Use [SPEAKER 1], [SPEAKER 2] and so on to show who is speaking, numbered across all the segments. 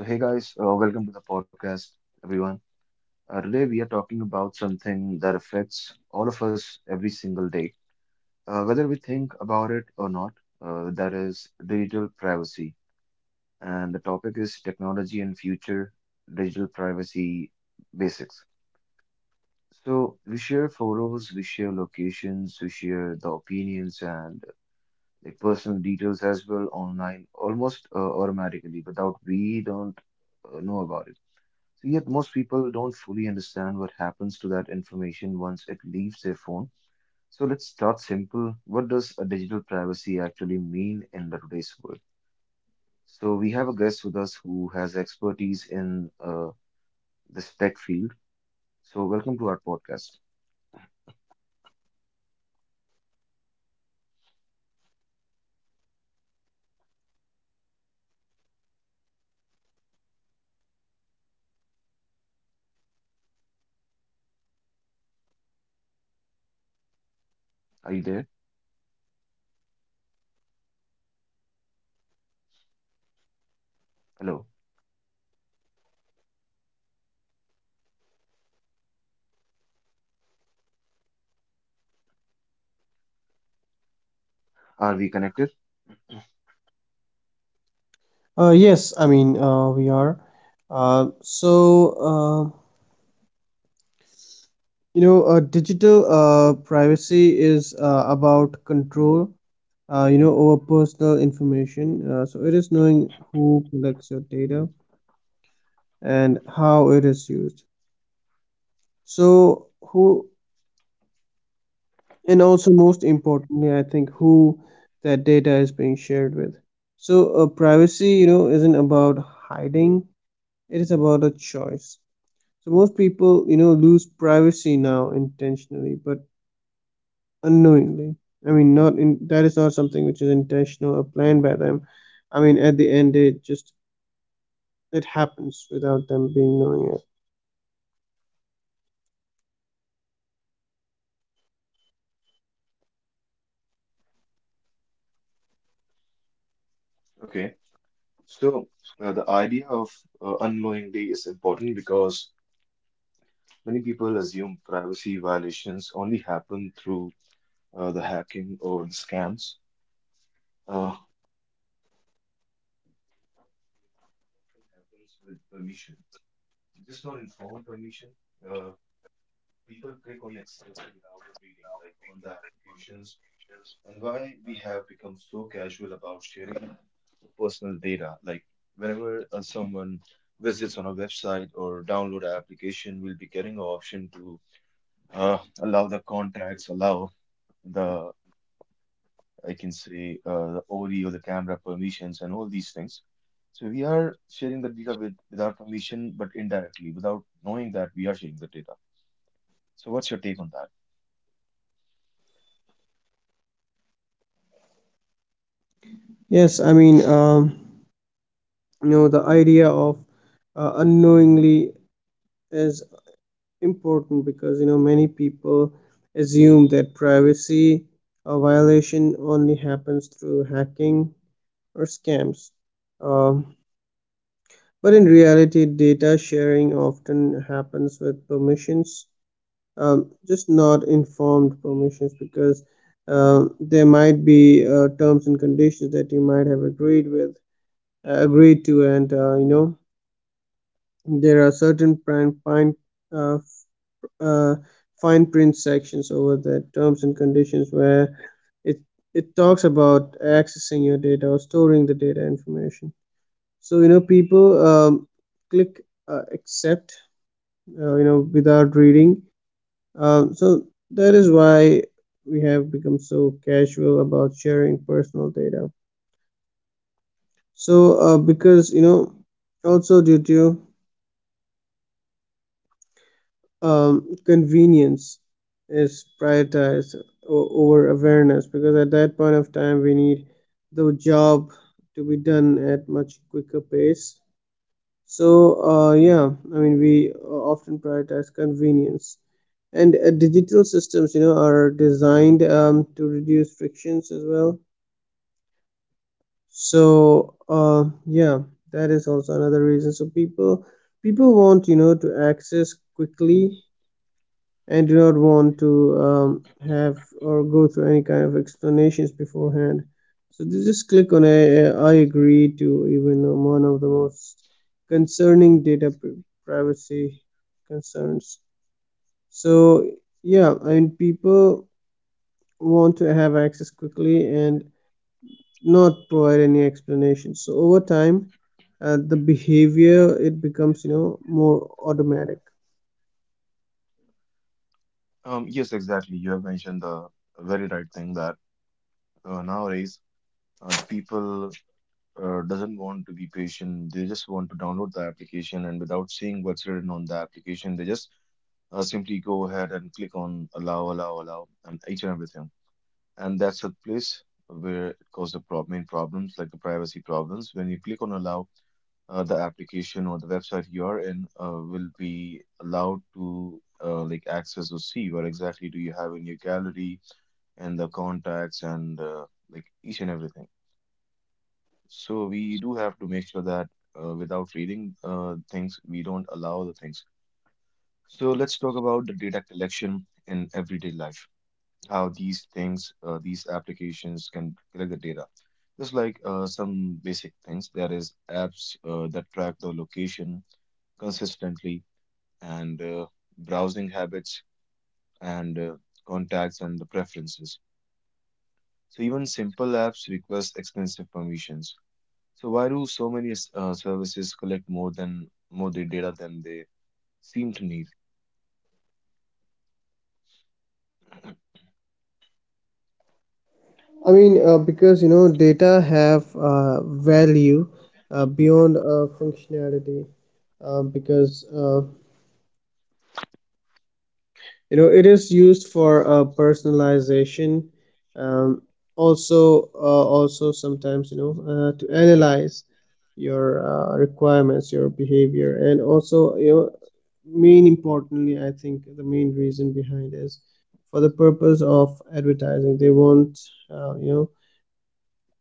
[SPEAKER 1] So, hey guys, welcome to the podcast, everyone. Today we are talking about something that affects all of us every single day, whether we think about it or not. That is digital privacy, and the topic is technology and future digital privacy basics. So we share photos, we share locations, we share the opinions and like personal details as well online, almost automatically without we don't know about it. So yet most people don't fully understand what happens to that information once it leaves their phone. So let's start simple. What does a digital privacy actually mean in the today's world? So we have a guest with us who has expertise in this tech field. So welcome to our podcast. Are you there? Hello. Are we connected?
[SPEAKER 2] Yes, I mean we are. Uh, so uh, Digital privacy is about control, over personal information. So it is knowing who collects your data and how it is used. So who, and also most importantly, I think who that data is being shared with. So privacy, isn't about hiding. It is about a choice. So most people, lose privacy now intentionally, but unknowingly. I mean, not in that is not something which is intentional or planned by them. I mean, at the end, it just it happens without them being knowing it.
[SPEAKER 1] Okay. So the idea of unknowingly is important because many people assume privacy violations only happen through the hacking or the scams. Uh, Often happens with permission, just not informed permission. Uh, People click on accept without reading, like on the applications, and why we have become so casual about sharing personal data. Like whenever someone visits on a website or download an application, we'll be getting an option to allow the contacts, allow the I can say the audio, the camera permissions, and all these things. So we are sharing the data with without permission, but indirectly, without knowing that we are sharing the data. So what's your take on that?
[SPEAKER 2] Yes, I mean, you know, the idea of unknowingly is important because you know many people assume that privacy a violation only happens through hacking or scams. Um But in reality, data sharing often happens with permissions, just not informed permissions, because there might be terms and conditions that you might have agreed with, agreed to, and you know there are certain prime, fine, uh, f- uh, fine print sections over the terms and conditions where it it talks about accessing your data or storing the data information. So you know people click accept you know without reading, so that is why we have become so casual about sharing personal data, so because you know also due to convenience is prioritized over awareness, because at that point of time we need the job to be done at much quicker pace. So uh, yeah I mean we often prioritize convenience, and digital systems you know are designed to reduce frictions as well. So that is also another reason, so people want you know to access quickly and do not want to have or go through any kind of explanations beforehand, so they just click on I agree to even one of the most concerning data privacy concerns. So yeah I mean people want to have access quickly and not provide any explanation, so over time the behavior it becomes you know more automatic.
[SPEAKER 1] Yes, exactly. You have mentioned the very right thing that nowadays the people doesn't want to be patient. They just want to download the application and without seeing what's written on the application, they just simply go ahead and click on allow, allow, allow, and each and everything. And that's a place where it causes the main problems, like the privacy problems. When you click on allow, the application or the website you are in will be allowed to like access or see what exactly do you have in your gallery and the contacts and like each and everything. So we do have to make sure that without reading things, we don't allow the things. So let's talk about the data collection in everyday life. How these things, these applications can collect the data. Just like some basic things, there is apps that track the location consistently and browsing habits and contacts and the preferences. So even simple apps request expensive permissions. So why do so many services collect more than more the data than they seem to need?
[SPEAKER 2] I mean because you know data have value beyond functionality, because you know it is used for personalization, um, also also sometimes you know to analyze your requirements, your behavior, and also you know main importantly I think the main reason behind is for the purpose of advertising. They want uh, you know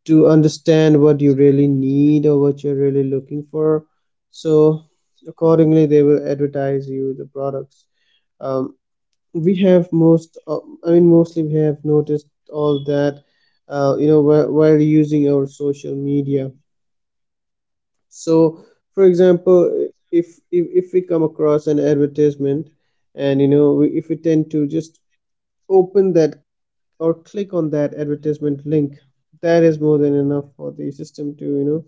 [SPEAKER 2] to understand what you really need or what you're really looking for, so accordingly they will advertise you the products. um, we have most I mean mostly we have noticed all that you know while using our social media. So for example, if we come across an advertisement and you know if we tend to just open that or click on that advertisement link, that is more than enough for the system to you know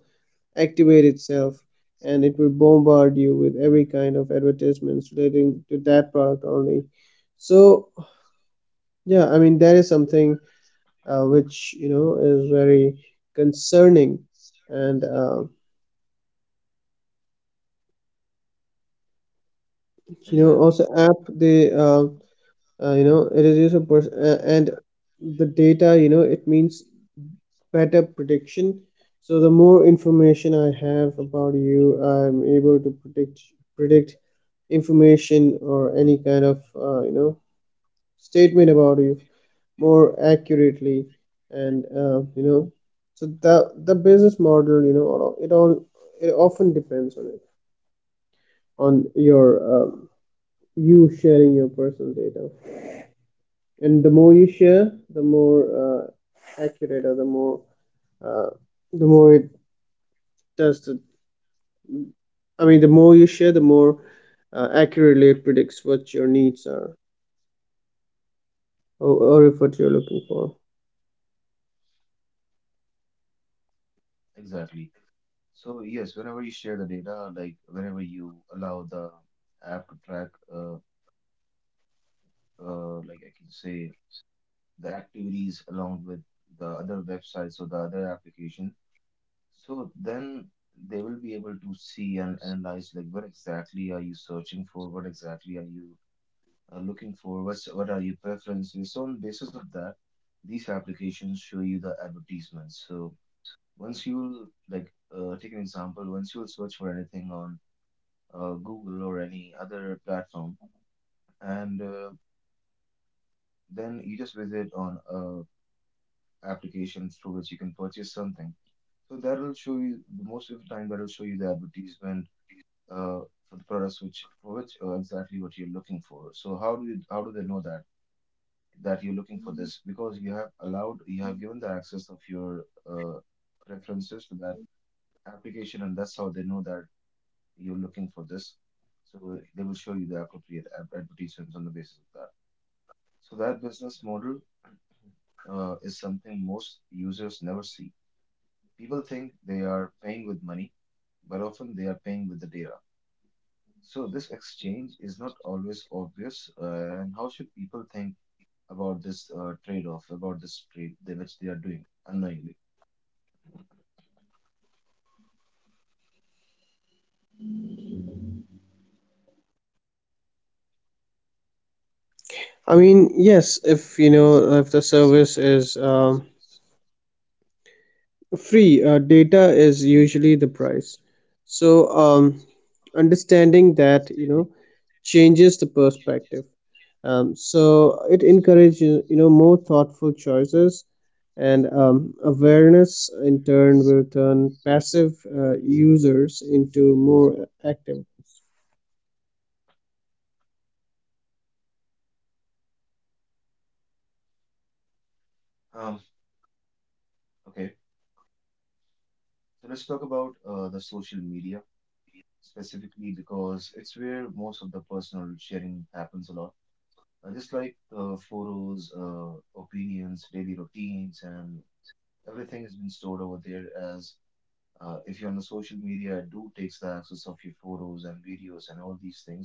[SPEAKER 2] activate itself, and it will bombard you with every kind of advertisements relating to that product only. So yeah, I mean that is something which you know is very concerning. And you know
[SPEAKER 1] Exactly,
[SPEAKER 2] also app they you know it is used for and the data you know it means better prediction. So the more information I have about you, I'm able to predict information or any kind of you know statement about you more accurately. And you know so the business model you know it all it often depends on it, on your um, you sharing your personal data. And the more you share, the more accurate, or uh, the more it does the, I mean the more you share, the more accurately it predicts what your needs are, or if what you're looking for.
[SPEAKER 1] exactly. So yes, whenever you share the data, like whenever you allow the app to track, like I can say the activities along with the other websites or the other application, so then they will be able to see and analyze like what exactly are you searching for, what exactly are you looking for, what's what are your preferences. So on basis of that, these applications show you the advertisements. So once you like take an example, once you will search for anything on Google or any other platform, and then you just visit on applications through which you can purchase something. So that'll show you most of the time that'll show you the advertisement uh, for the products which for which exactly what you're looking for. So how do you how do they know that that you're looking for this? Because you have allowed you have given the access of your preferences to that application, and that's how they know that you're looking for this. So they will show you the appropriate advertisements on the basis of that. So that business model is something most users never see. People think they are paying with money, but often they are paying with the data. So this exchange is not always obvious. And how should people think about this trade-off, about this trade they, which they are doing unknowingly?
[SPEAKER 2] I mean yes, if you know if the service is free, data is usually the price. So um, understanding that you know changes the perspective. So it encourages you know more thoughtful choices, and awareness in turn will turn passive users into more active ones.
[SPEAKER 1] Um, okay, so let's talk about the social media specifically because it's where most of the personal sharing happens a lot. Just like photos, opinions, daily routines, and everything has been stored over there as if you're on the social media, it do takes the access of your photos and videos and all these things.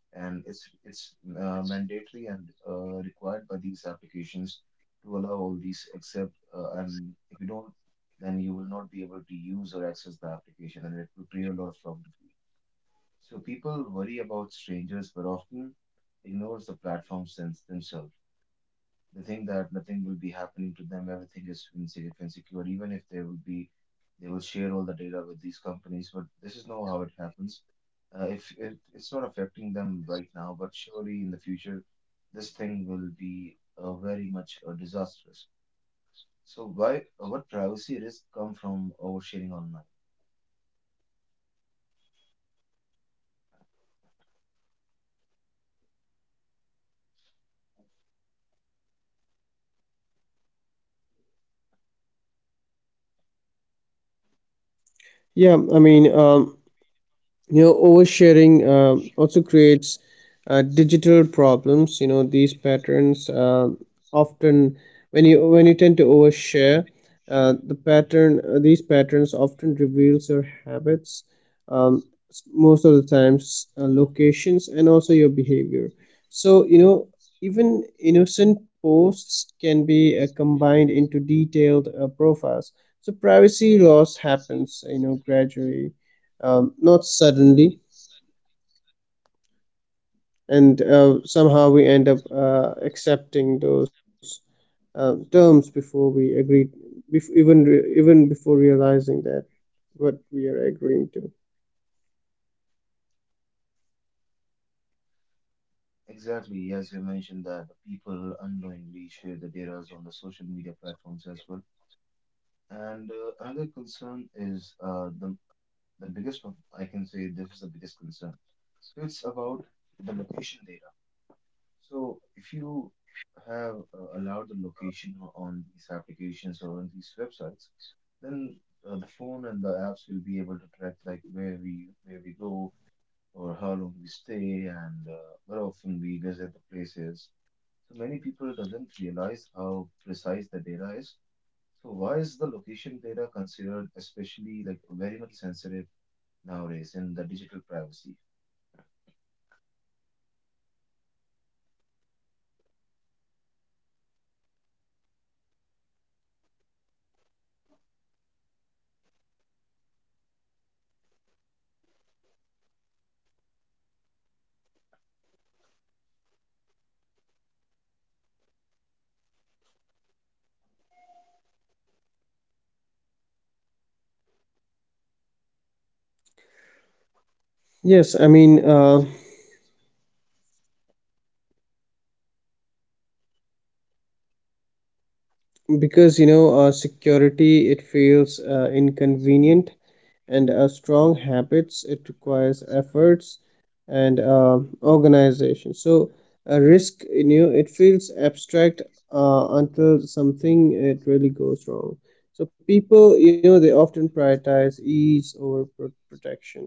[SPEAKER 1] And it's mandatory and required by these applications to allow all these except and if you don't, then you will not be able to use or access the application and it will create a lot of problem for you. So people worry about strangers, but often ignores the platforms themselves. They think that nothing will be happening to them. Everything is insecure. Even if they will be, they will share all the data with these companies. But this is not how it happens. If it, it's not affecting them right now, but surely in the future, this thing will be very much disastrous. So why, what privacy risks come from oversharing online?
[SPEAKER 2] Yeah, I mean, you know oversharing also creates digital problems. You know these patterns often, when you tend to overshare, these patterns often reveals your habits, um, most of the times locations, and also your behavior. So you know even innocent posts can be combined into detailed profiles. So privacy loss happens you know gradually, not suddenly, and somehow we end up accepting those terms before we agreed, even before realizing that what we are agreeing to.
[SPEAKER 1] Exactly, as you mentioned that the people unknowingly share the data on the social media platforms as well. And another concern is the The biggest one, I can say this is the biggest concern. So it's about the location data. So if you have allowed the location on these applications or on these websites, then the phone and the apps will be able to track like where we go or how long we stay and where often we visit the places. So many people doesn't realize how precise the data is. So why is the location data considered especially like very much sensitive nowadays in the digital privacy.
[SPEAKER 2] Yes, I mean because you know security it feels inconvenient, and a strong habits it requires efforts and organization. So a risk in you know it feels abstract until something it really goes wrong. So people you know they often prioritize ease over protection.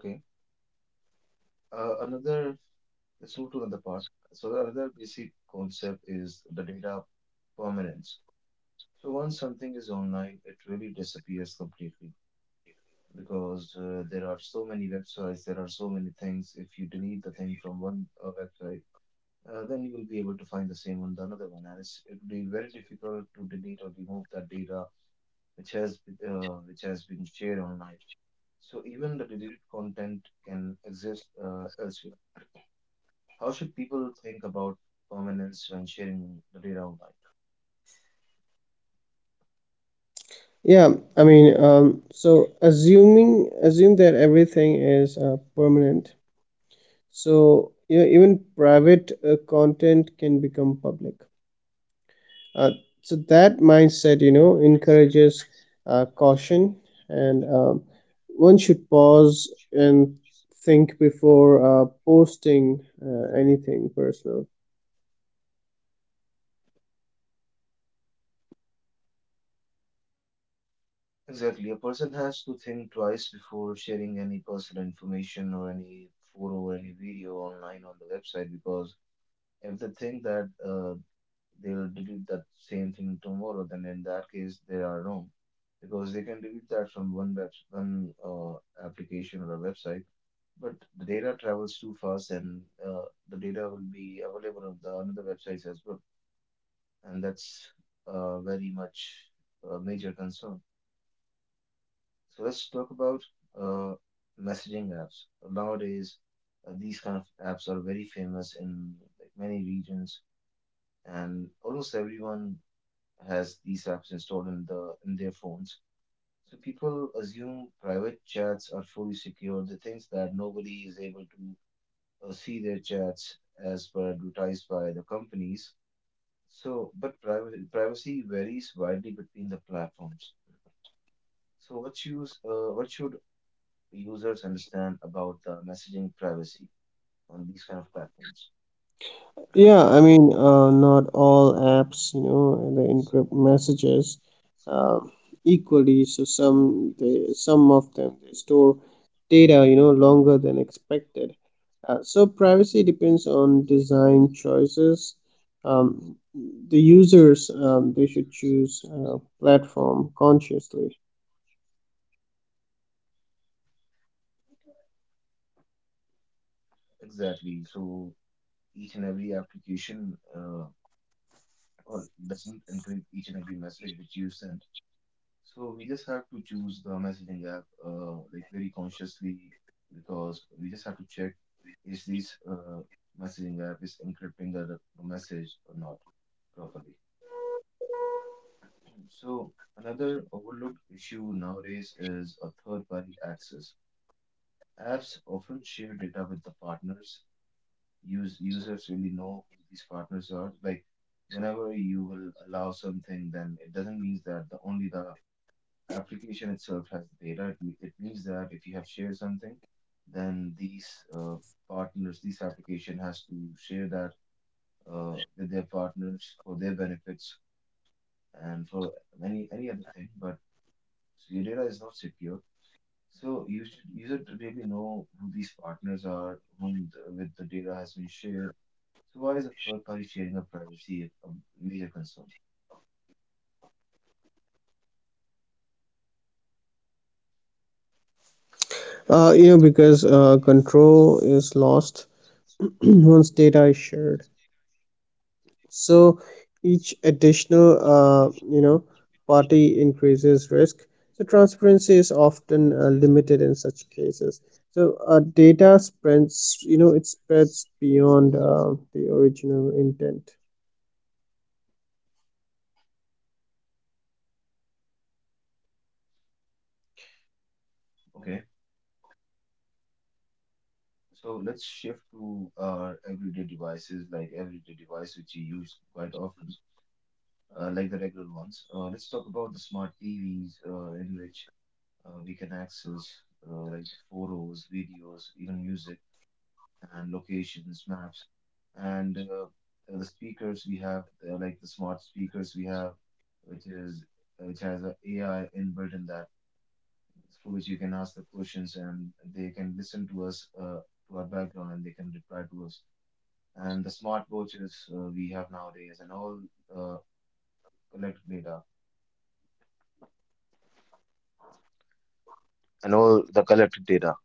[SPEAKER 1] Okay. Another, let's move to another part. So the other basic concept is the data permanence. So once something is online, it really disappears completely because there are so many websites, there are so many things. If you delete the thing from one website, then you will be able to find the same on the another one, and it's, it would be very difficult to delete or remove that data which has which has been shared online. So even the deleted content can exist elsewhere. How should people think about permanence when sharing the data online?
[SPEAKER 2] Yeah, I mean so assuming assume that everything is permanent. So you know even private content can become public. Uh, so that mindset you know encourages caution, and one should pause and think before posting anything personal.
[SPEAKER 1] Exactly, a person has to think twice before sharing any personal information or any photo or any video online on the website because if they think that they'll delete that same thing tomorrow, then in that case they are wrong because they can delete that from one web one application or a website, but the data travels too fast and the data will be available on the another websites as well, and that's very much a major concern. So let's talk about uh, messaging apps. Nowadays, these kind of apps are very famous in like, many regions, and almost everyone has these apps installed in the in their phones. So people assume private chats are fully secure. They think that nobody is able to see their chats as per advertised by the companies. So, but privacy varies widely between the platforms. So, what use what should users understand about the messaging privacy on these kind of platforms?
[SPEAKER 2] Yeah, I mean, not all apps, you know, they encrypt messages uh, equally. So some of them they store data, you know, longer than expected. So privacy depends on design choices. Um, the users they should choose platform consciously.
[SPEAKER 1] Exactly. So each and every application or doesn't include each and every message which you send. So we just have to choose the messaging app like very consciously because we just have to check is this messaging app is encrypting the message or not properly. So another overlooked issue nowadays is a third-party access. Apps often share data with the partners. Use users really know who these partners are. Like whenever you will allow something, then it doesn't mean that the only the application itself has the data. It, it means that if you have shared something, then these uh, partners, this application has to share that with their partners for their benefits and for any other thing. But so your data is not secure, so you should really know who these partners are, whom the, with the data has been shared. So why is a third party sharing of privacy a major concern?
[SPEAKER 2] You know, because control is lost once data is shared. So each additional party increases risk. So transparency is often limited in such cases. So data spreads, you know it spreads beyond the original intent.
[SPEAKER 1] Okay. So let's shift to our everyday devices, like everyday device which you use quite often, like the regular ones. Let's talk about the smart TVs, in which we can access like the photos, videos, even music and locations, maps, and the speakers we have, like the smart speakers we have, which is which has a AI inbuilt in that, through which you can ask the questions and they can listen to us, to our background, and they can reply to us, and the smartwatches we have nowadays and the collected data all the collected data.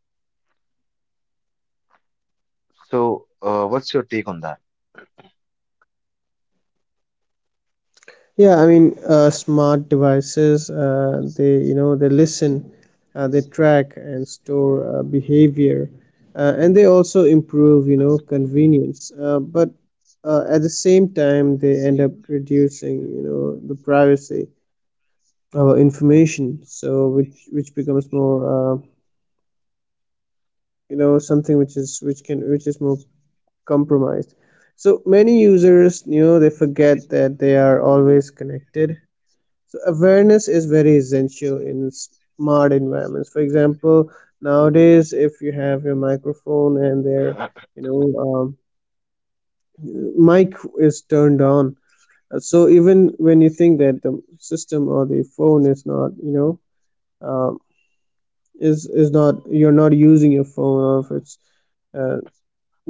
[SPEAKER 1] So, what's your take on that?
[SPEAKER 2] Yeah, I mean, smart devices, you know, they listen, they track and store behavior, and they also improve, you know, convenience. But at the same time, they end up reducing, you know, the privacy of information, so which becomes more, you know, something which is which can which is more compromised. So many users, you know, they forget that they are always connected. So awareness is very essential in smart environments. For example, nowadays if you have your microphone and there you know um, mic is turned on. So even when you think that the system or the phone is not um, is is not, you're not using your phone, or if it's uh,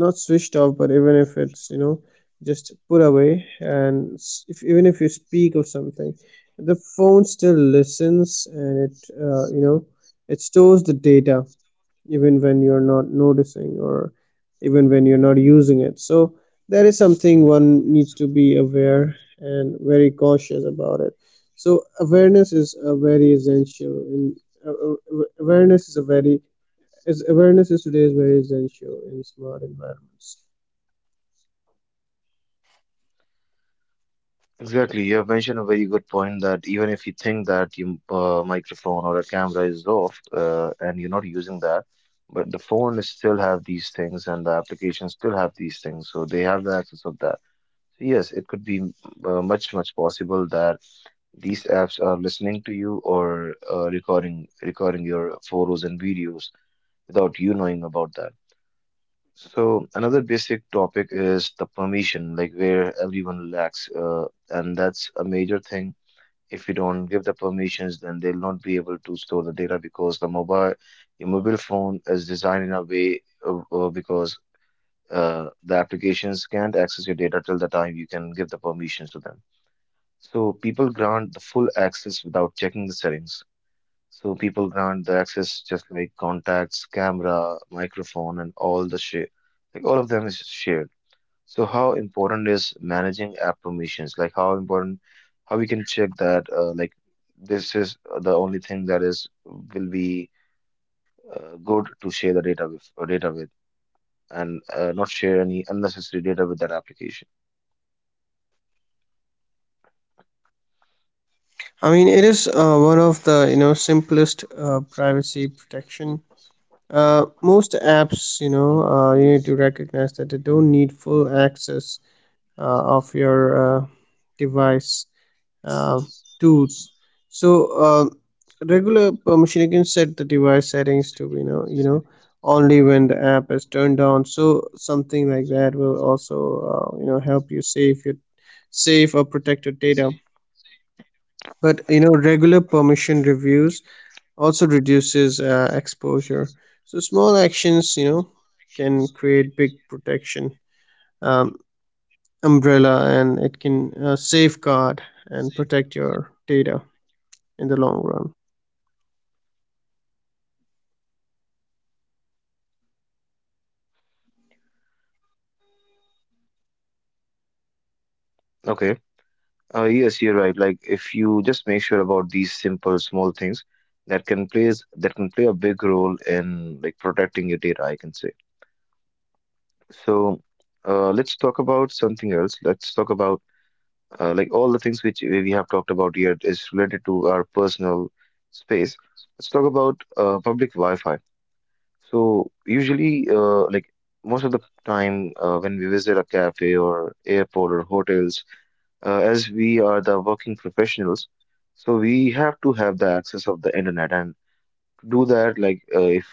[SPEAKER 2] not switched off, but even if it's you know just put away and if even if you speak or something, the phone still listens and it you know it stores the data even when you're not noticing or even when you're not using it. So that is something one needs to be aware and very cautious about it. So awareness is a very essential in awareness is a very is awareness is today is very essential in smart environments.
[SPEAKER 1] Exactly, you have mentioned a very good point that even if you think that your microphone or a camera is off, and you're not using that, but the phone is still have these things and the application still have these things, so they have the access of that. So yes, it could be much possible that these apps are listening to you or recording your photos and videos without you knowing about that. So another basic topic is the permission, like where everyone lacks, and that's a major thing. If you don't give the permissions, then they'll not be able to store the data, because the mobile your mobile phone is designed in a way because the applications can't access your data till the time you can give the permissions to them. So people grant the full access without checking the settings. So people grant the access just like contacts, camera, microphone, and all the shit. Like all of them is shared. So how important is managing app permissions? How we can check that like this is the only thing that is will be good to share the data with, and not share any unnecessary data with that application.
[SPEAKER 2] I mean it is one of the you know simplest privacy protection. Most apps, you know, you need to recognize that they don't need full access of your uh, device uh, tools. So uh, regular permission, you can set the device settings to only when the app is turned on. So something like that will also you know help you save or protect your data. But you know regular permission reviews also reduces exposure. So small actions you know can create big protection um, umbrella, and it can safeguard and protect your data in the long run.
[SPEAKER 1] Okay. Yes, you're right. Like if you just make sure about these simple small things, that can play a big role in like protecting your data, I can say. So let's talk about something else. Let's talk about, like all the things which we have talked about here is related to our personal space. Let's talk about public Wi-Fi. So usually, like most of the time, when we visit a cafe or airport or hotels, as we are the working professionals, so we have to have the access of the internet. And to do that, like if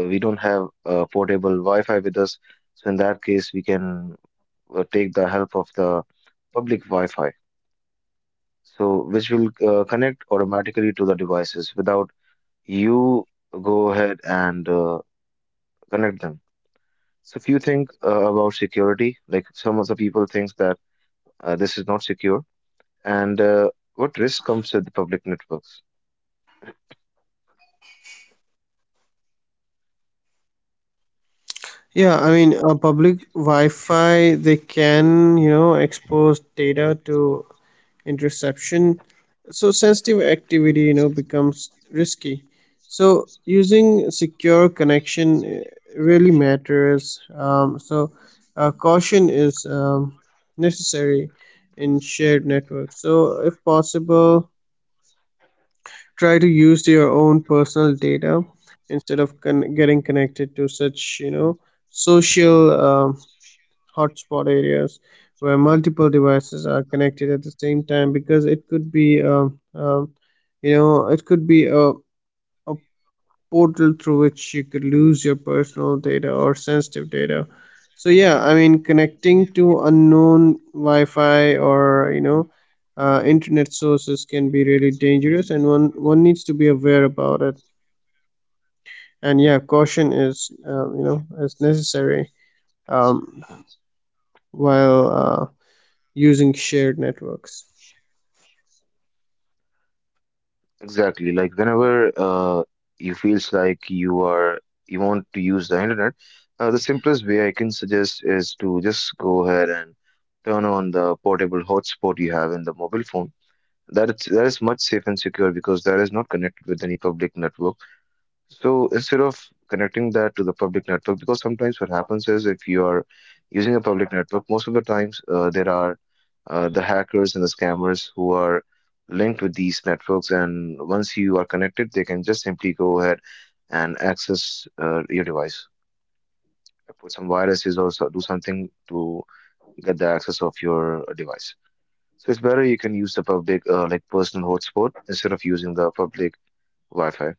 [SPEAKER 1] we don't have portable wi-fi with us, so in that case we can take the help of the public wi-fi, so which will connect automatically to the devices without you go ahead and connect them. So if you think about security, like some of the people thinks that this is not secure, and what risk comes with the public networks?
[SPEAKER 2] Yeah, I mean public wi-fi they can you know expose data to interception. So sensitive activity you know becomes risky. So using secure connection really matters, so caution is necessary in shared networks. So if possible, try to use your own personal data instead of getting connected to such you know social um, hotspot areas where multiple devices are connected at the same time, because it could be you know it could be a portal through which you could lose your personal data or sensitive data. So yeah, I mean connecting to unknown wi-fi or you know internet sources can be really dangerous, and one needs to be aware about it. And yeah, caution is you know is necessary um, while using shared networks.
[SPEAKER 1] Exactly. Like whenever you feels like you are you want to use the internet, the simplest way I can suggest is to just go ahead and turn on the portable hotspot you have in the mobile phone. That is much safe and secure, because that is not connected with any public network. So instead of connecting that to the public network, because sometimes what happens is if you are using a public network, most of the times there are the hackers and the scammers who are linked with these networks, and once you are connected, they can just simply go ahead and access your device, put some viruses or so, do something to get the access of your device. So it's better you can use the public, like personal hotspot, instead of using the public Wi-Fi.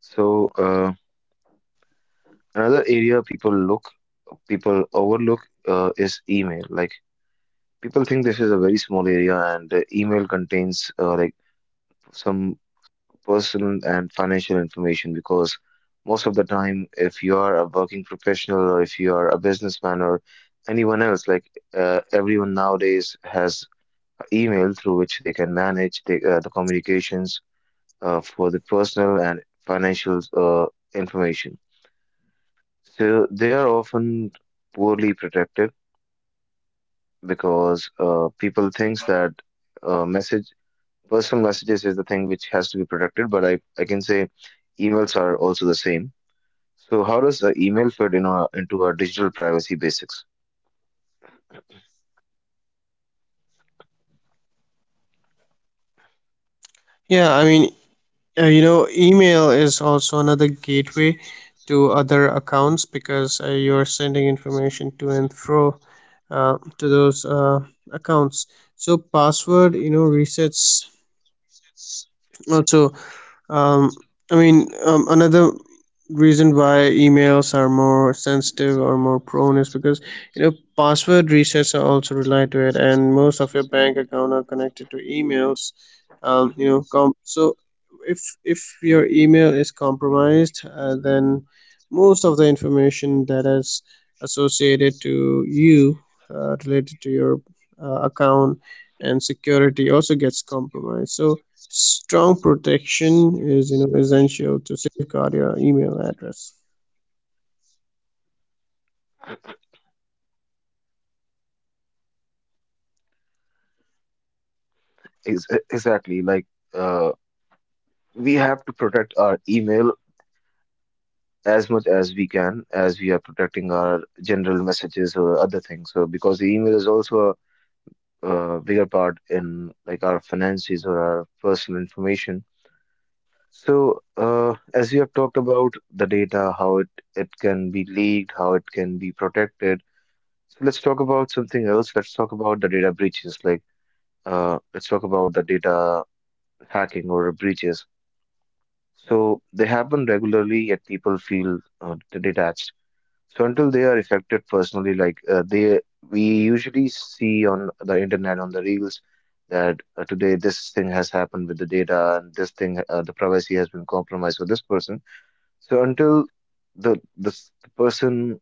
[SPEAKER 1] So another area people overlook is email. Like people think this is a very small area, and email contains like some personal and financial information, because most of the time, if you are a working professional or if you are a businessman or anyone else, like everyone nowadays has email through which they can manage the communications for the personal and financial information. So they are often poorly protected, because people thinks that message personal messages is the thing which has to be protected, but I can say emails are also the same. So how does the email fit in into our digital privacy basics?
[SPEAKER 2] Yeah, I mean, you know, email is also another gateway to other accounts, because you're sending information to and fro to those accounts. So password, resets also. Um, another reason why emails are more sensitive or more prone is because password resets are also related to it, and most of your bank account are connected to emails. So if your email is compromised, then most of the information that is associated to you, related to your account and security, also gets compromised. So strong protection is, essential to safeguard your email address.
[SPEAKER 1] Exactly, like uh, we have to protect our email as much as we can, as we are protecting our general messages or other things. So because the email is also a bigger part in like our finances or our personal information. So, as we have talked about the data, it can be leaked, how it can be protected. So let's talk about something else. Let's talk about the data breaches. Like, let's talk about the data hacking or breaches. So they happen regularly, yet people feel detached. So until they are affected personally, like they we usually see on the internet on the reels that today this thing has happened with the data, and this thing the privacy has been compromised for this person. So until the person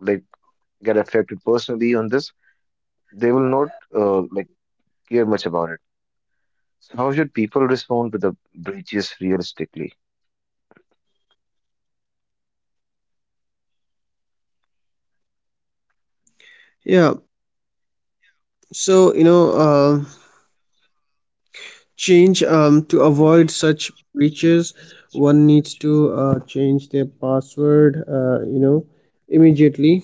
[SPEAKER 1] like get affected personally on this, they will not like care much about it. So how should people respond to the breaches realistically?
[SPEAKER 2] Yeah. So, change to avoid such breaches, one needs to change their password, immediately,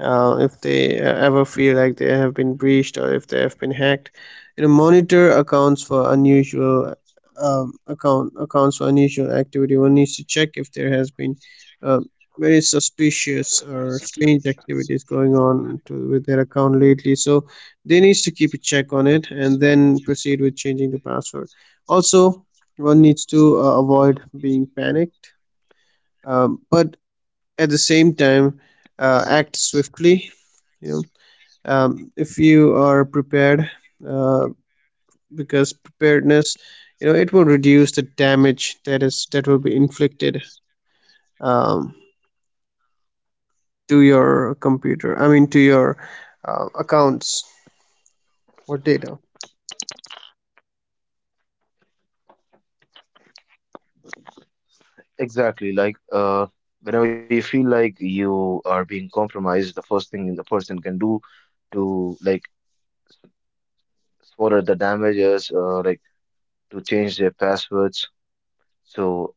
[SPEAKER 2] if they ever feel like they have been breached or if they have been hacked. You know monitor accounts for unusual accounts for unusual activity. One needs to check if there has been uh, very suspicious or strange activities going on to, with their account lately, so they needs to keep a check on it and then proceed with changing the password. Also, one needs to avoid being panicked, but at the same time act swiftly, you know if you are prepared, uh, because preparedness, it will reduce the damage that will be inflicted, um, to your computer. I mean to your accounts or data.
[SPEAKER 1] Exactly, like whenever you feel like you are being compromised, the first thing the person can do to like what the damages, like to change their passwords. So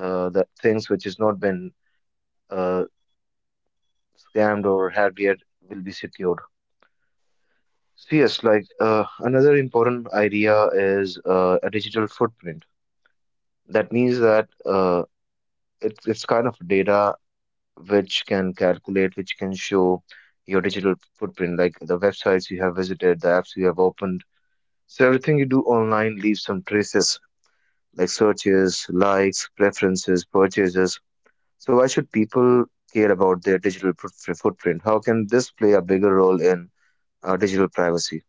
[SPEAKER 1] the things which has not been uh, scammed or hacked yet will be secured. So yes, like another important idea is a digital footprint. That means that it's kind of data which can calculate, which can show your digital footprint, like the websites you have visited, the apps you have opened. So everything you do online leaves some traces, like searches, likes, preferences, purchases. So why should people care about their digital footprint? How can this play a bigger role in digital privacy?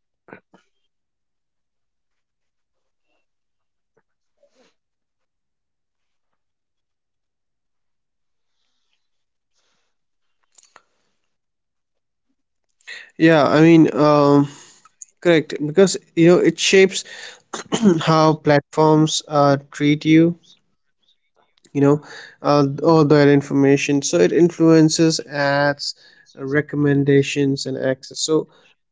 [SPEAKER 2] yeah i mean um, Correct, because it shapes how platforms treat you. You know, all that information. So it influences ads, recommendations, and access. So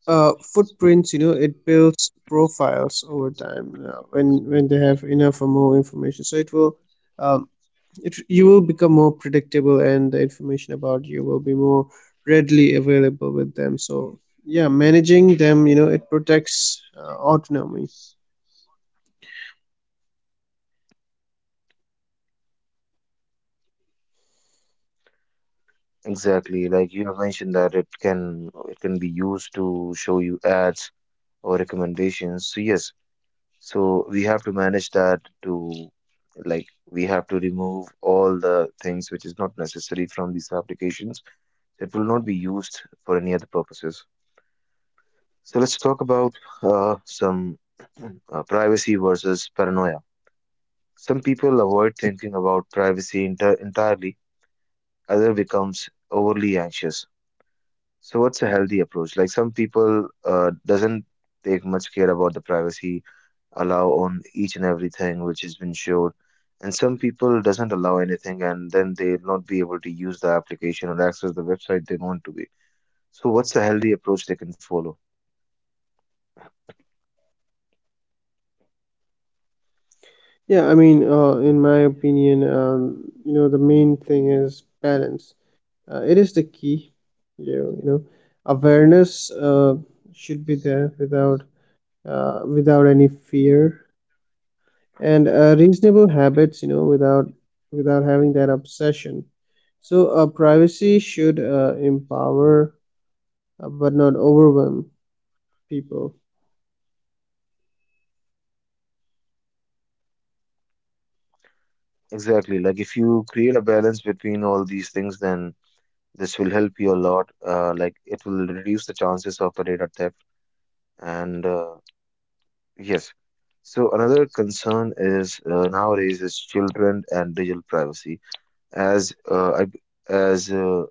[SPEAKER 2] footprints. You know, it builds profiles over time when they have enough or more information. So it will. Um, it, you will become more predictable and the information about you will be more readily available with them. So yeah, managing them, it protects autonomy.
[SPEAKER 1] Exactly, like you have mentioned that it can be used to show you ads or recommendations. So yes, so we have to manage that, to like we have to remove all the things which is not necessary from these applications, that will not be used for any other purposes. So let's talk about some privacy versus paranoia. Some people avoid thinking about privacy entirely, other becomes overly anxious. So what's a healthy approach? Like some people doesn't take much care about the privacy, allow on each and everything which has been showed, and some people doesn't allow anything, and then they'll not be able to use the application or access the website they want to be. So what's a healthy approach they can follow?
[SPEAKER 2] In my opinion, the main thing is balance, it is the key. you you know Awareness should be there without without any fear, and reasonable habits, without having that obsession. So privacy should empower but not overwhelm people.
[SPEAKER 1] Exactly. Like if you create a balance between all these things, then this will help you a lot. Like it will reduce the chances of the data theft. And yes, so another concern is nowadays is children and digital privacy. As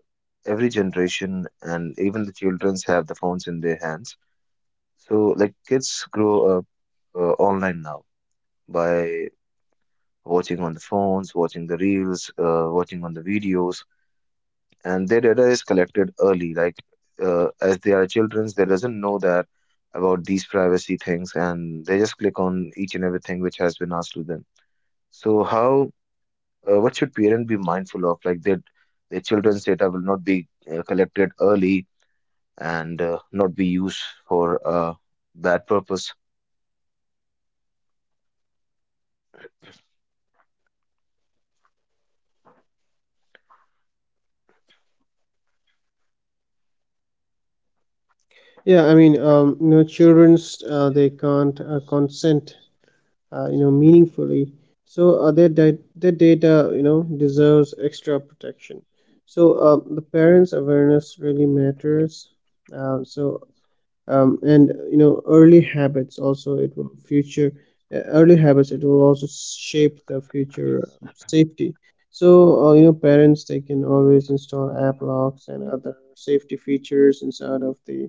[SPEAKER 1] every generation and even the childrens have the phones in their hands. So like kids grow up online now by watching on the phones, watching the reels, watching on the videos, and their data is collected early, like as they are children, they doesn't know that about these privacy things, and they just click on each and everything which has been asked to them. So how, what should parent be mindful of, like that their children's data will not be collected early, and not be used for bad purpose?
[SPEAKER 2] Childrens they can't consent, meaningfully. So their data, deserves extra protection. So the parents' awareness really matters. So and you know Early habits also, it will future early habits it will also shape the future safety. So parents, they can always install app locks and other safety features inside of the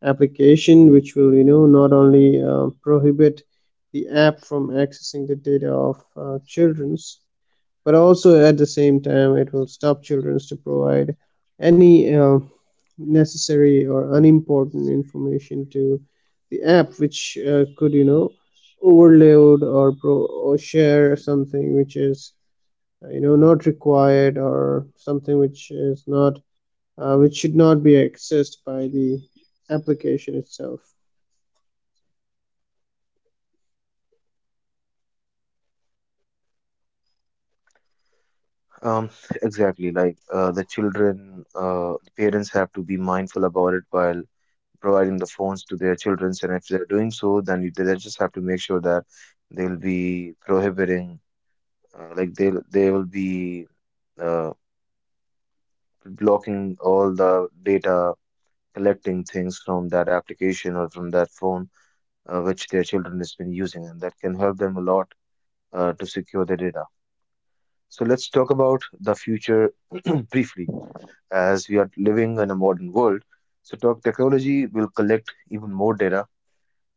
[SPEAKER 2] application which will not only prohibit the app from accessing the data of children's, but also at the same time it will stop children's to provide any necessary or unimportant information to the app, which could you know overload or share something which is not required or something which is not which should not be accessed by the application itself.
[SPEAKER 1] Um, exactly, like the children parents have to be mindful about it while providing the phones to their children. And if they're doing so, then you, they just have to make sure that they'll be prohibiting, like they will be uh, blocking all the data collecting things from that application or from that phone which their children has been using, and that can help them a lot to secure their data. So let's talk about the future briefly, as we are living in a modern world. So, talk technology will collect even more data,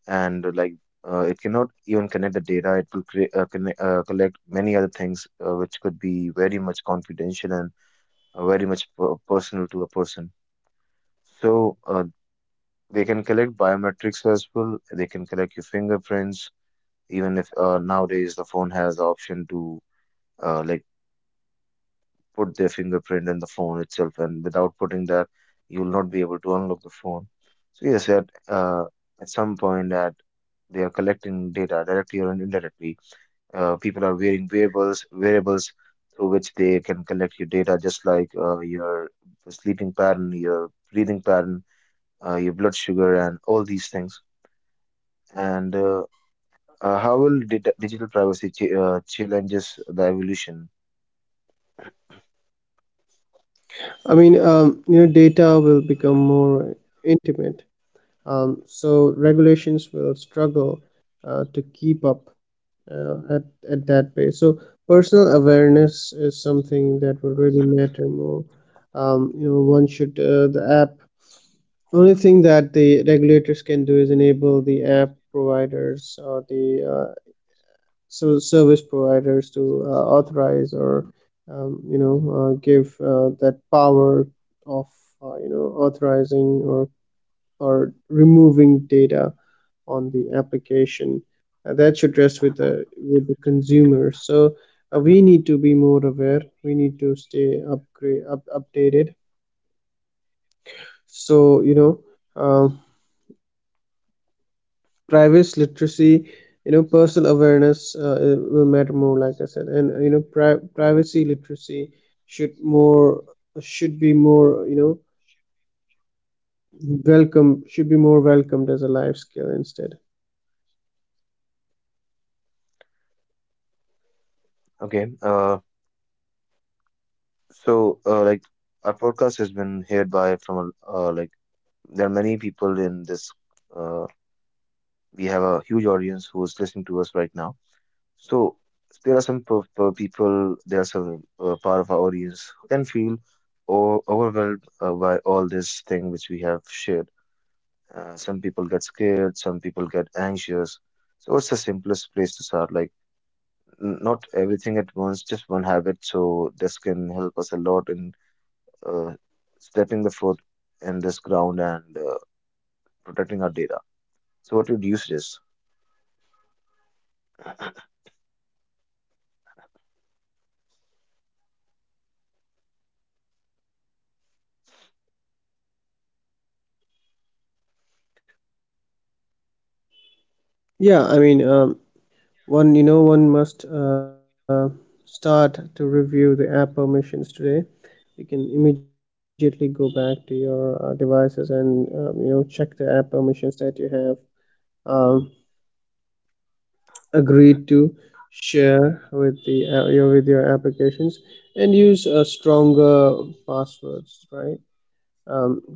[SPEAKER 1] and like it cannot even connect the data. It will create, collect many other things which could be very much confidential and very much personal to a person. So they can collect biometrics as well. They can collect your fingerprints. Even if nowadays the phone has the option to, like, put their fingerprint in the phone itself, and without putting that, you will not be able to unlock the phone. So yes, at some point that they are collecting data directly or indirectly. People are wearing wearables through which they can collect your data, just like your sleeping pattern, your breathing pattern, your blood sugar, and all these things. And how will data, digital privacy ch challenges the evolution?
[SPEAKER 2] Data will become more intimate, so regulations will struggle to keep up uh, at, at that pace. So personal awareness is something that will really matter more. One should the app. Only thing that the regulators can do is enable the app providers or the service providers to authorize or give that power of authorizing or removing data on the application, that should rest with the consumer. So we need to be more aware, we need to stay updated. So um, privacy literacy, personal awareness will matter more, like I said, and privacy literacy should more should be more, welcome, should be more welcomed as a life skill instead.
[SPEAKER 1] Okay, so our podcast has been heard by from a- like there are many people in this. Uh, we have a huge audience who is listening to us right now. So there are some people, there are some part of our audience who can feel overwhelmed by all this thing which we have shared. Some people get scared, some people get anxious. So what's the simplest place to start? Like not everything at once, just one habit. So this can help us a lot in uh, stepping the foot in this ground and protecting our data. So what would you suggest?
[SPEAKER 2] yeah i mean um, One, one must start to review the app permissions today. You can immediately go back to your devices and check the app permissions that you have um, agreed to share with the your with your applications, and use stronger passwords, right?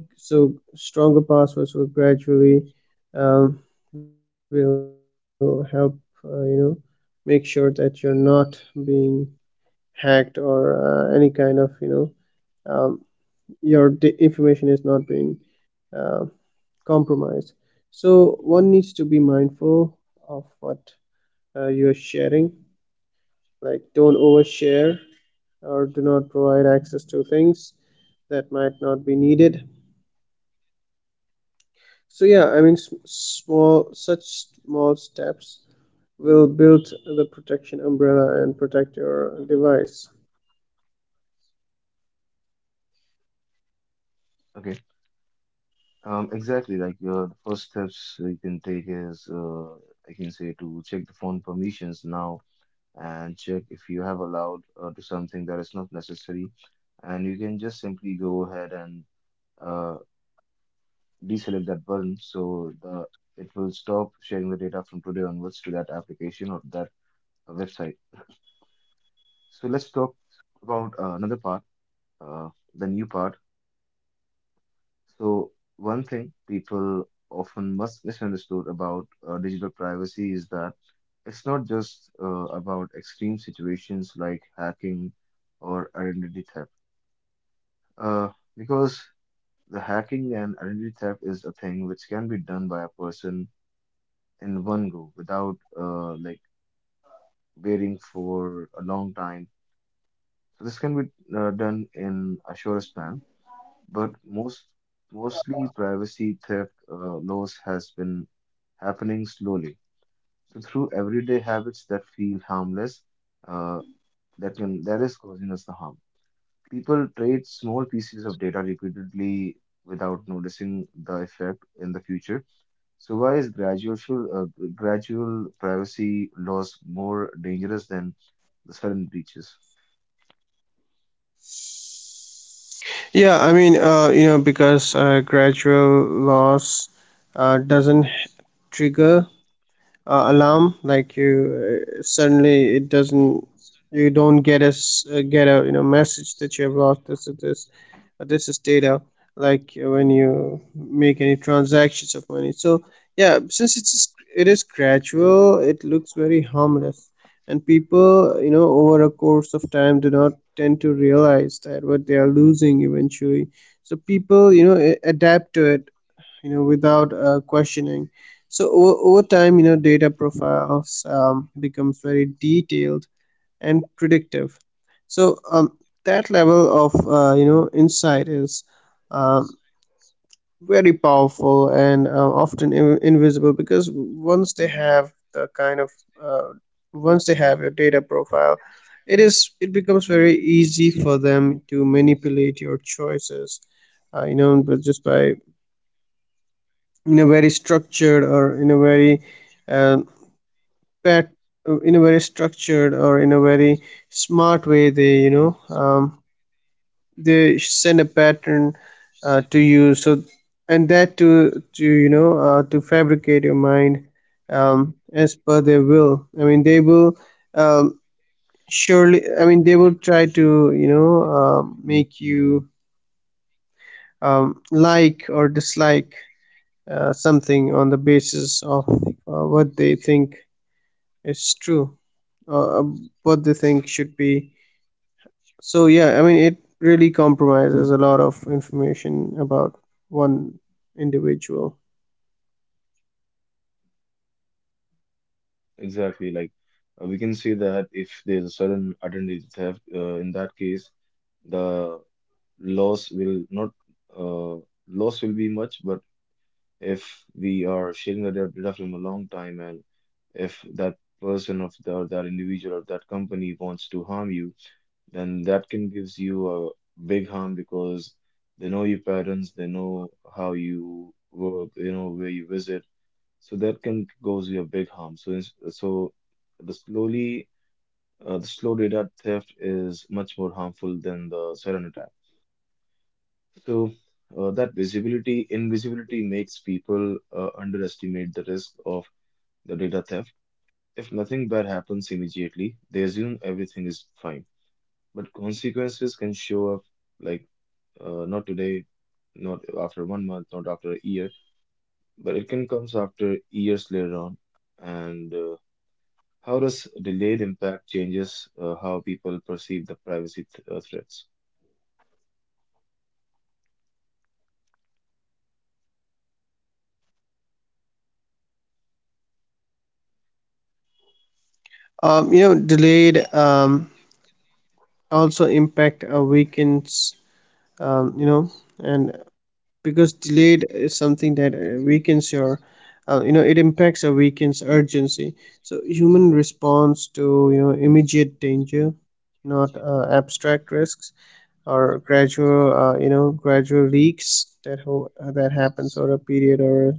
[SPEAKER 2] um, so stronger passwords will gradually um, will help uh, you know make sure that you're not being hacked or any kind of know um, your information is not being uh, compromised. So one needs to be mindful of what you are sharing, like don't overshare or do not provide access to things that might not be needed. So yeah, I mean, small steps will build the protection umbrella and protect your device.
[SPEAKER 1] Okay. Exactly. Like the first steps you can take is, I can say, to check the phone permissions now and check if you have allowed to something that is not necessary. And you can just simply go ahead and uh, deselect that button so the it will stop sharing the data from today onwards to that application or that website. So let's talk about another part, uh, the new part. So one thing people often must misunderstood about digital privacy is that it's not just about extreme situations like hacking or identity theft. Uh, because the hacking and identity theft is a thing which can be done by a person in one go without waiting for a long time. So this can be done in a short span, but mostly privacy theft laws has been happening slowly. So through everyday habits that feel harmless, uh, that can that is causing us the harm. People trade small pieces of data repeatedly without noticing the effect in the future. So why is uh, gradual privacy loss more dangerous than the sudden breaches?
[SPEAKER 2] Because gradual loss doesn't trigger alarm, like you suddenly it doesn't, you don't get a, message that you have lost this or this, this is data, like when you make any transactions of money. So yeah, since it is gradual, it looks very harmless, and people, over a course of time, do not tend to realize that what they are losing eventually. So people, adapt to it, without questioning. So over time, data profiles becomes very detailed and predictive. So that level of insight is um, very powerful and often invisible, because once they have the kind of uh, once they have your data profile, it becomes very easy for them to manipulate your choices, but just by in a very structured or in a very um that in a very structured or in a very smart way, they, they send a pattern to you. So, and that to, to fabricate your mind as per their will. I mean, they will um, surely, I mean, they will try to, make you like or dislike something on the basis of what they think is true, uh, what they think should be. So yeah, I mean, it really compromises a lot of information about one individual.
[SPEAKER 1] Exactly, like we can say that if there's a sudden identity theft, in that case, the loss will not uh, loss will be much, but if we are sharing the data from a long time and if that person of the, or that individual or that company wants to harm you, then that can gives you a big harm because they know your patterns, they know how you work, you know where you visit, so that can cause you a big harm. So so the slowly the slow data theft is much more harmful than the sudden attack. So that visibility invisibility makes people underestimate the risk of the data theft. If nothing bad happens immediately, they assume everything is fine. But consequences can show up like not today, not after one month, not after a year, but it can comes after years later on. And how does delayed impact changes how people perceive the privacy th threats?
[SPEAKER 2] Delayed also impact our weekends. You know, and Because delayed is something that weakens your, it impacts a weakens urgency. So human response to, immediate danger, not abstract risks or gradual, gradual leaks that that happens over a period or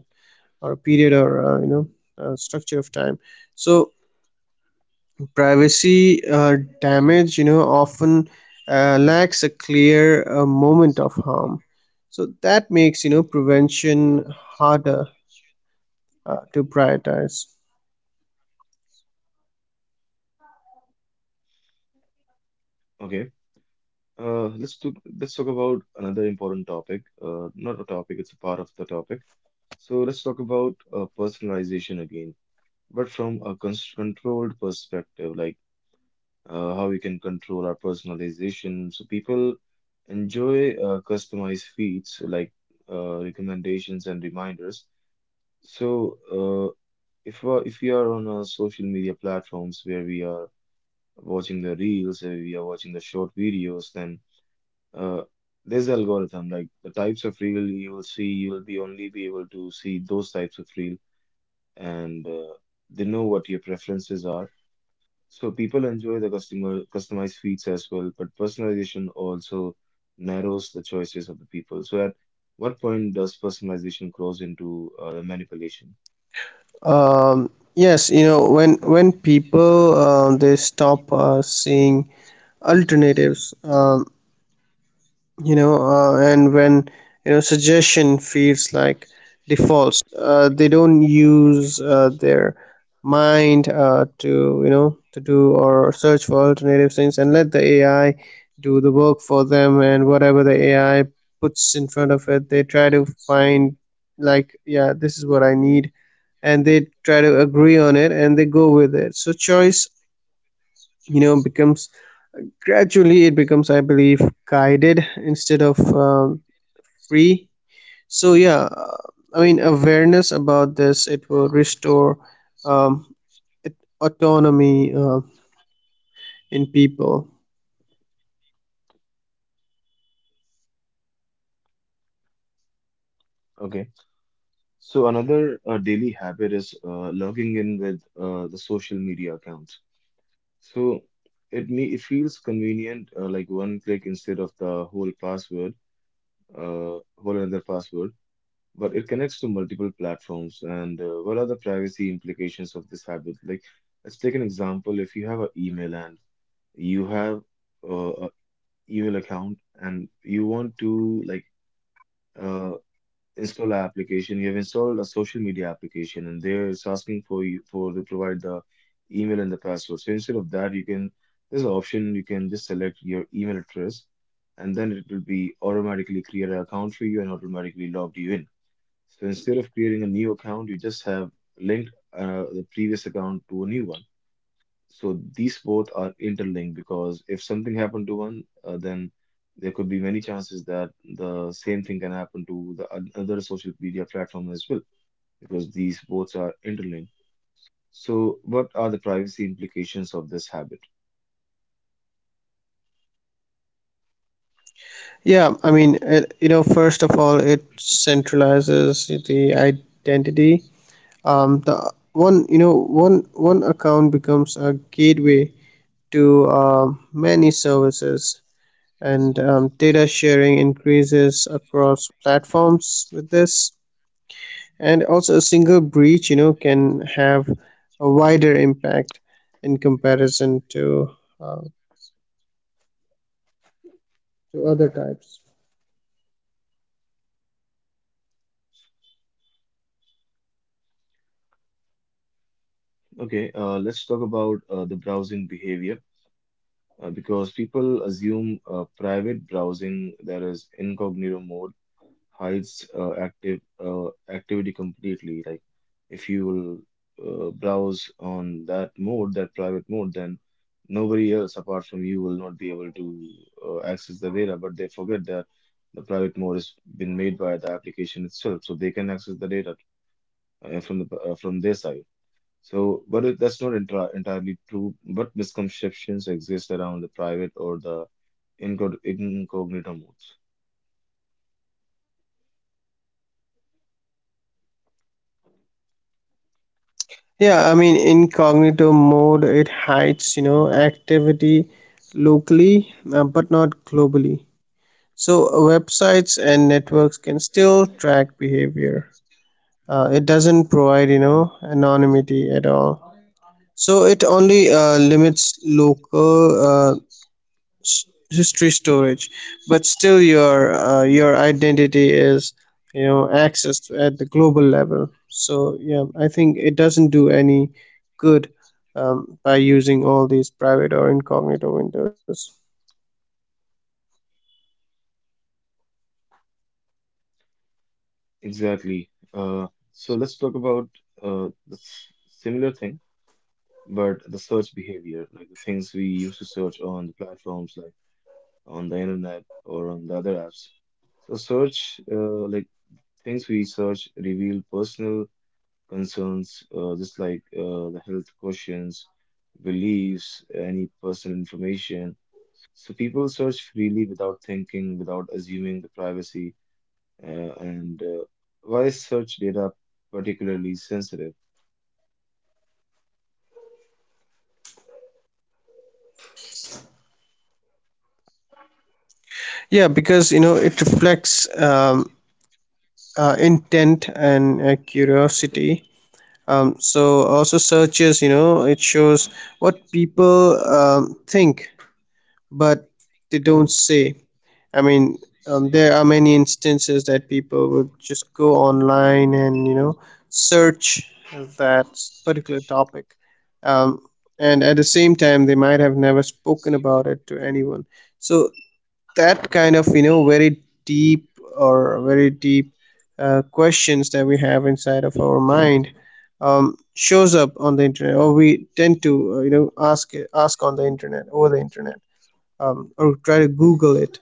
[SPEAKER 2] or a period or uh, you know structure of time. So privacy damage, often lacks a clear moment of harm. So that makes, prevention harder to prioritize.
[SPEAKER 1] Okay, let's talk about another important topic. Not a topic, it's a part of the topic. So let's talk about personalization again, but from a controlled perspective, like how we can control our personalization. So people enjoy customized feeds like recommendations and reminders. So if we are on our social media platforms where we are watching the reels, where we are watching the short videos, then uh, there's the algorithm like the types of reel you will see. You will be only be able to see those types of reel and they know what your preferences are. So people enjoy the customer customized feeds as well, but personalization also narrows the choices of the people. So at what point does personalization cross into manipulation?
[SPEAKER 2] Yes, when people they stop seeing alternatives, and when, suggestion feels like defaults, they don't use their mind to, to do or search for alternative things and let the AI do the work for them, and whatever the AI puts in front of it, they try to find, like, yeah, this is what I need, and they try to agree on it and they go with it. So choice, becomes gradually, it becomes, I believe, guided instead of free. So yeah, I mean, awareness about this, it will restore um, it, autonomy in people.
[SPEAKER 1] Okay. So another daily habit is logging in with the social media accounts. So it feels convenient, like one click instead of the whole password, whole another password, but it connects to multiple platforms. And what are the privacy implications of this habit? Like, let's take an example. If you have an email and you have a email account and you want to uh, install an application, you have installed a social media application, and there it's asking for you for to provide the email and the password. So instead of that, you can there's an option you can just select your email address. And then it will be automatically create an account for you and automatically logged you in. So instead of creating a new account, you just have linked the previous account to a new one. So these both are interlinked because if something happened to one, then there could be many chances that the same thing can happen to the other social media platform as well because these both are interlinked. So what are the privacy implications of this habit?
[SPEAKER 2] It, first of all, it centralizes the identity, the one, one account becomes a gateway to many services, and data sharing increases across platforms with this, and also a single breach, can have a wider impact in comparison uh, to other types.
[SPEAKER 1] Okay, let's talk about the browsing behavior because people assume private browsing, that is incognito mode, hides active activity completely. Like if you will browse on that mode, that private mode, then nobody else apart from you will not be able to access the data. But they forget that the private mode has been made by the application itself, so they can access the data from their side. So, but it, that's not entirely true. But misconceptions exist around the private or the incognito modes.
[SPEAKER 2] Incognito mode, it hides, activity locally, but not globally. So websites and networks can still track behavior. It doesn't provide, anonymity at all. So it only limits local uh, s- history storage, but still your identity is, accessed at the global level. So yeah, I think it doesn't do any good by using all these private or incognito windows.
[SPEAKER 1] Exactly. So let's talk about the similar thing, but the search behavior, like the things we used to search on the platforms, like on the internet or on the other apps. So search, like things we search, reveal personal concerns, just like the health questions, beliefs, any personal information. So people search freely without thinking, without assuming the privacy uh, and why is search data particularly sensitive?
[SPEAKER 2] Yeah because it reflects um, intent and curiosity. um, so Also, searches, it shows what people think, but they don't say. I mean, there are many instances that people would just go online and, search that particular topic, um, and at the same time, they might have never spoken about it to anyone. So that kind of, very deep or very deep questions that we have inside of our mind shows up on the internet, or we tend to, ask on the internet over the internet, or try to Google it.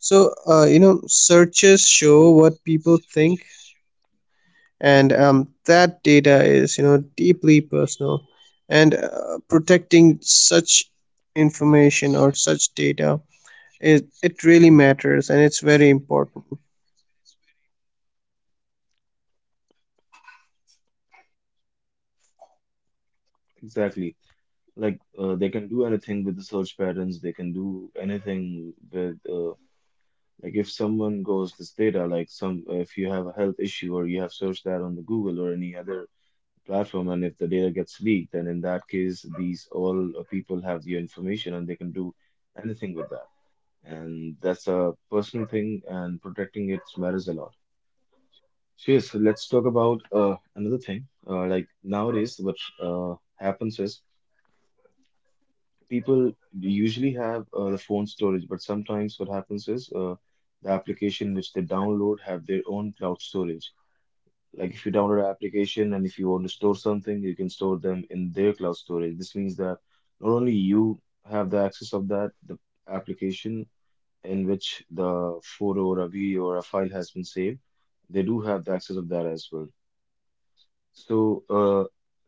[SPEAKER 2] So searches show what people think, and that data is, deeply personal, and protecting such information or such data, it really matters and it's very important.
[SPEAKER 1] Exactly. Like they can do anything with the search patterns. They can do anything with like if someone goes this data, like some if you have a health issue or you have searched that on the Google or any other platform, and if the data gets leaked, then in that case, these all people have your information and they can do anything with that. And that's a personal thing, and protecting it matters a lot. So yes, let's talk about another thing. Like nowadays, what happens is people usually have the phone storage, but sometimes what happens is the application which they download have their own cloud storage. Like if you download an application and if you want to store something, you can store them in their cloud storage. This means that not only you have the access of that, the application in which the photo or a video or a file has been saved, they do have the access of that as well. So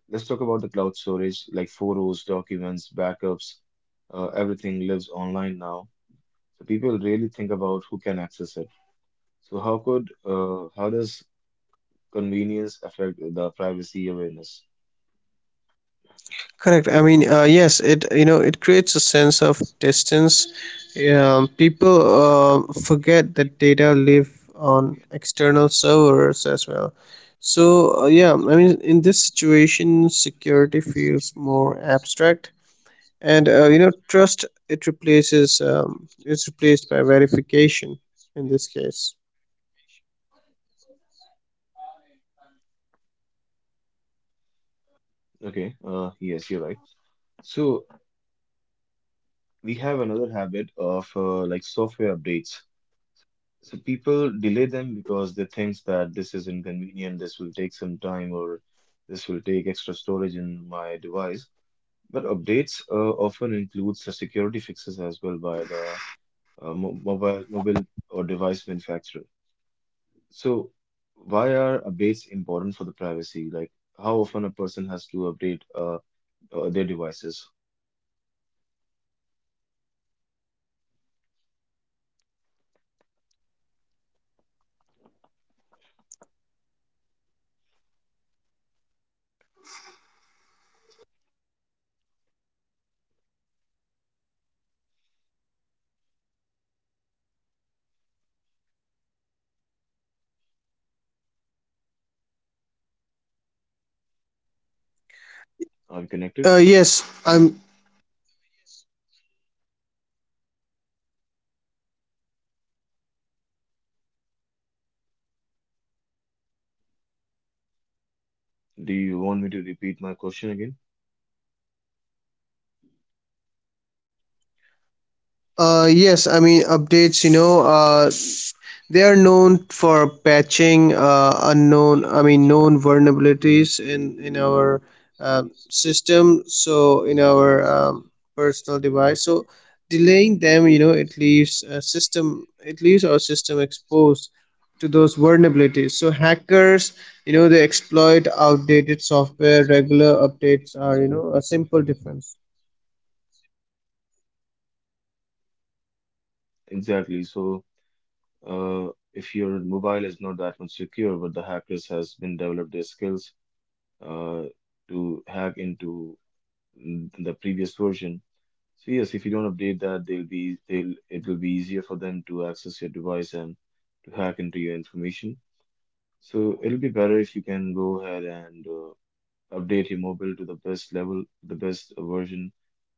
[SPEAKER 1] let's talk about the cloud storage, like photos, documents, backups, everything lives online now. So people really think about who can access it. So how does convenience affect the privacy awareness?
[SPEAKER 2] Correct. I mean, yes, it, it creates a sense of distance. People forget that data live on external servers as well. So yeah, I mean, in this situation, security feels more abstract, and trust, it replaces, it's replaced by verification in this case.
[SPEAKER 1] Okay, yes, you're right. So we have another habit of like software updates. So people delay them because they think that this is inconvenient, this will take some time, or this will take extra storage in my device. But updates often includes the security fixes as well by the mo mobile mobile or device manufacturer. So why are updates important for the privacy? Like how often a person has to update their devices? Are we connected?
[SPEAKER 2] Yes, I'm.
[SPEAKER 1] Do you want me to repeat my question again?
[SPEAKER 2] Yes, I mean, updates. They are known for patching known vulnerabilities in our uh, system. So in our personal device. So delaying them, it leaves a system. It leaves our system exposed to those vulnerabilities. So hackers, they exploit outdated software. Regular updates are, a simple difference.
[SPEAKER 1] Exactly. So uh, if your mobile is not that much secure, but the hackers has been developed their skills uh, to hack into the previous version. So yes, if you don't update that, they'll it will be easier for them to access your device and to hack into your information. So it'll be better if you can go ahead and update your mobile to the best level, the best version,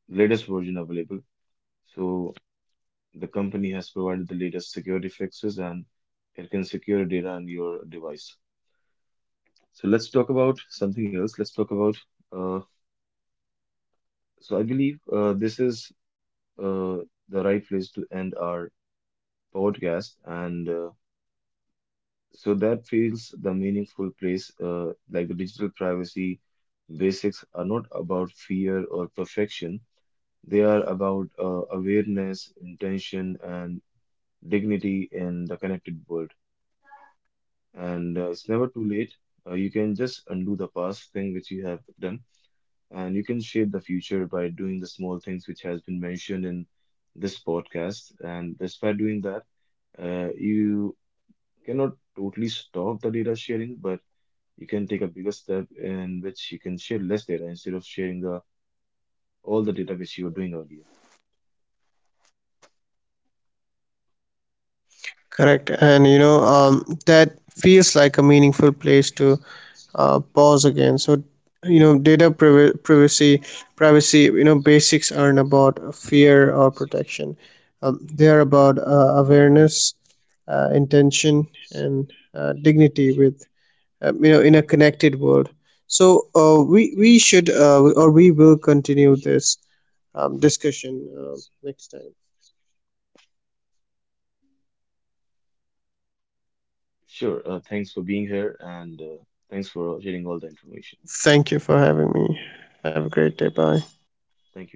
[SPEAKER 1] latest version available. So the company has provided the latest security fixes and it can secure data on your device. So let's talk about something else. Let's talk about uh, so I believe this is uh, the right place to end our podcast and. So that feels the meaningful place, like the digital privacy basics are not about fear or perfection. They are about awareness, intention, and dignity in the connected world. And it's never too late. You can just undo the past thing which you have done, and you can shape the future by doing the small things which has been mentioned in this podcast. And just by doing that, you cannot totally stop the data sharing, but you can take a bigger step in which you can share less data instead of sharing the all the data which you were doing earlier.
[SPEAKER 2] Correct. And that feels like a meaningful place to pause again. So, you know, data priv- privacy, privacy, basics aren't about fear or protection. They are about awareness, intention, and dignity in a connected world. So we should, or we will continue this discussion next time.
[SPEAKER 1] Sure. Thanks for being here and thanks for sharing all the information.
[SPEAKER 2] Thank you for having me. Have a great day. Bye.
[SPEAKER 1] Thank you.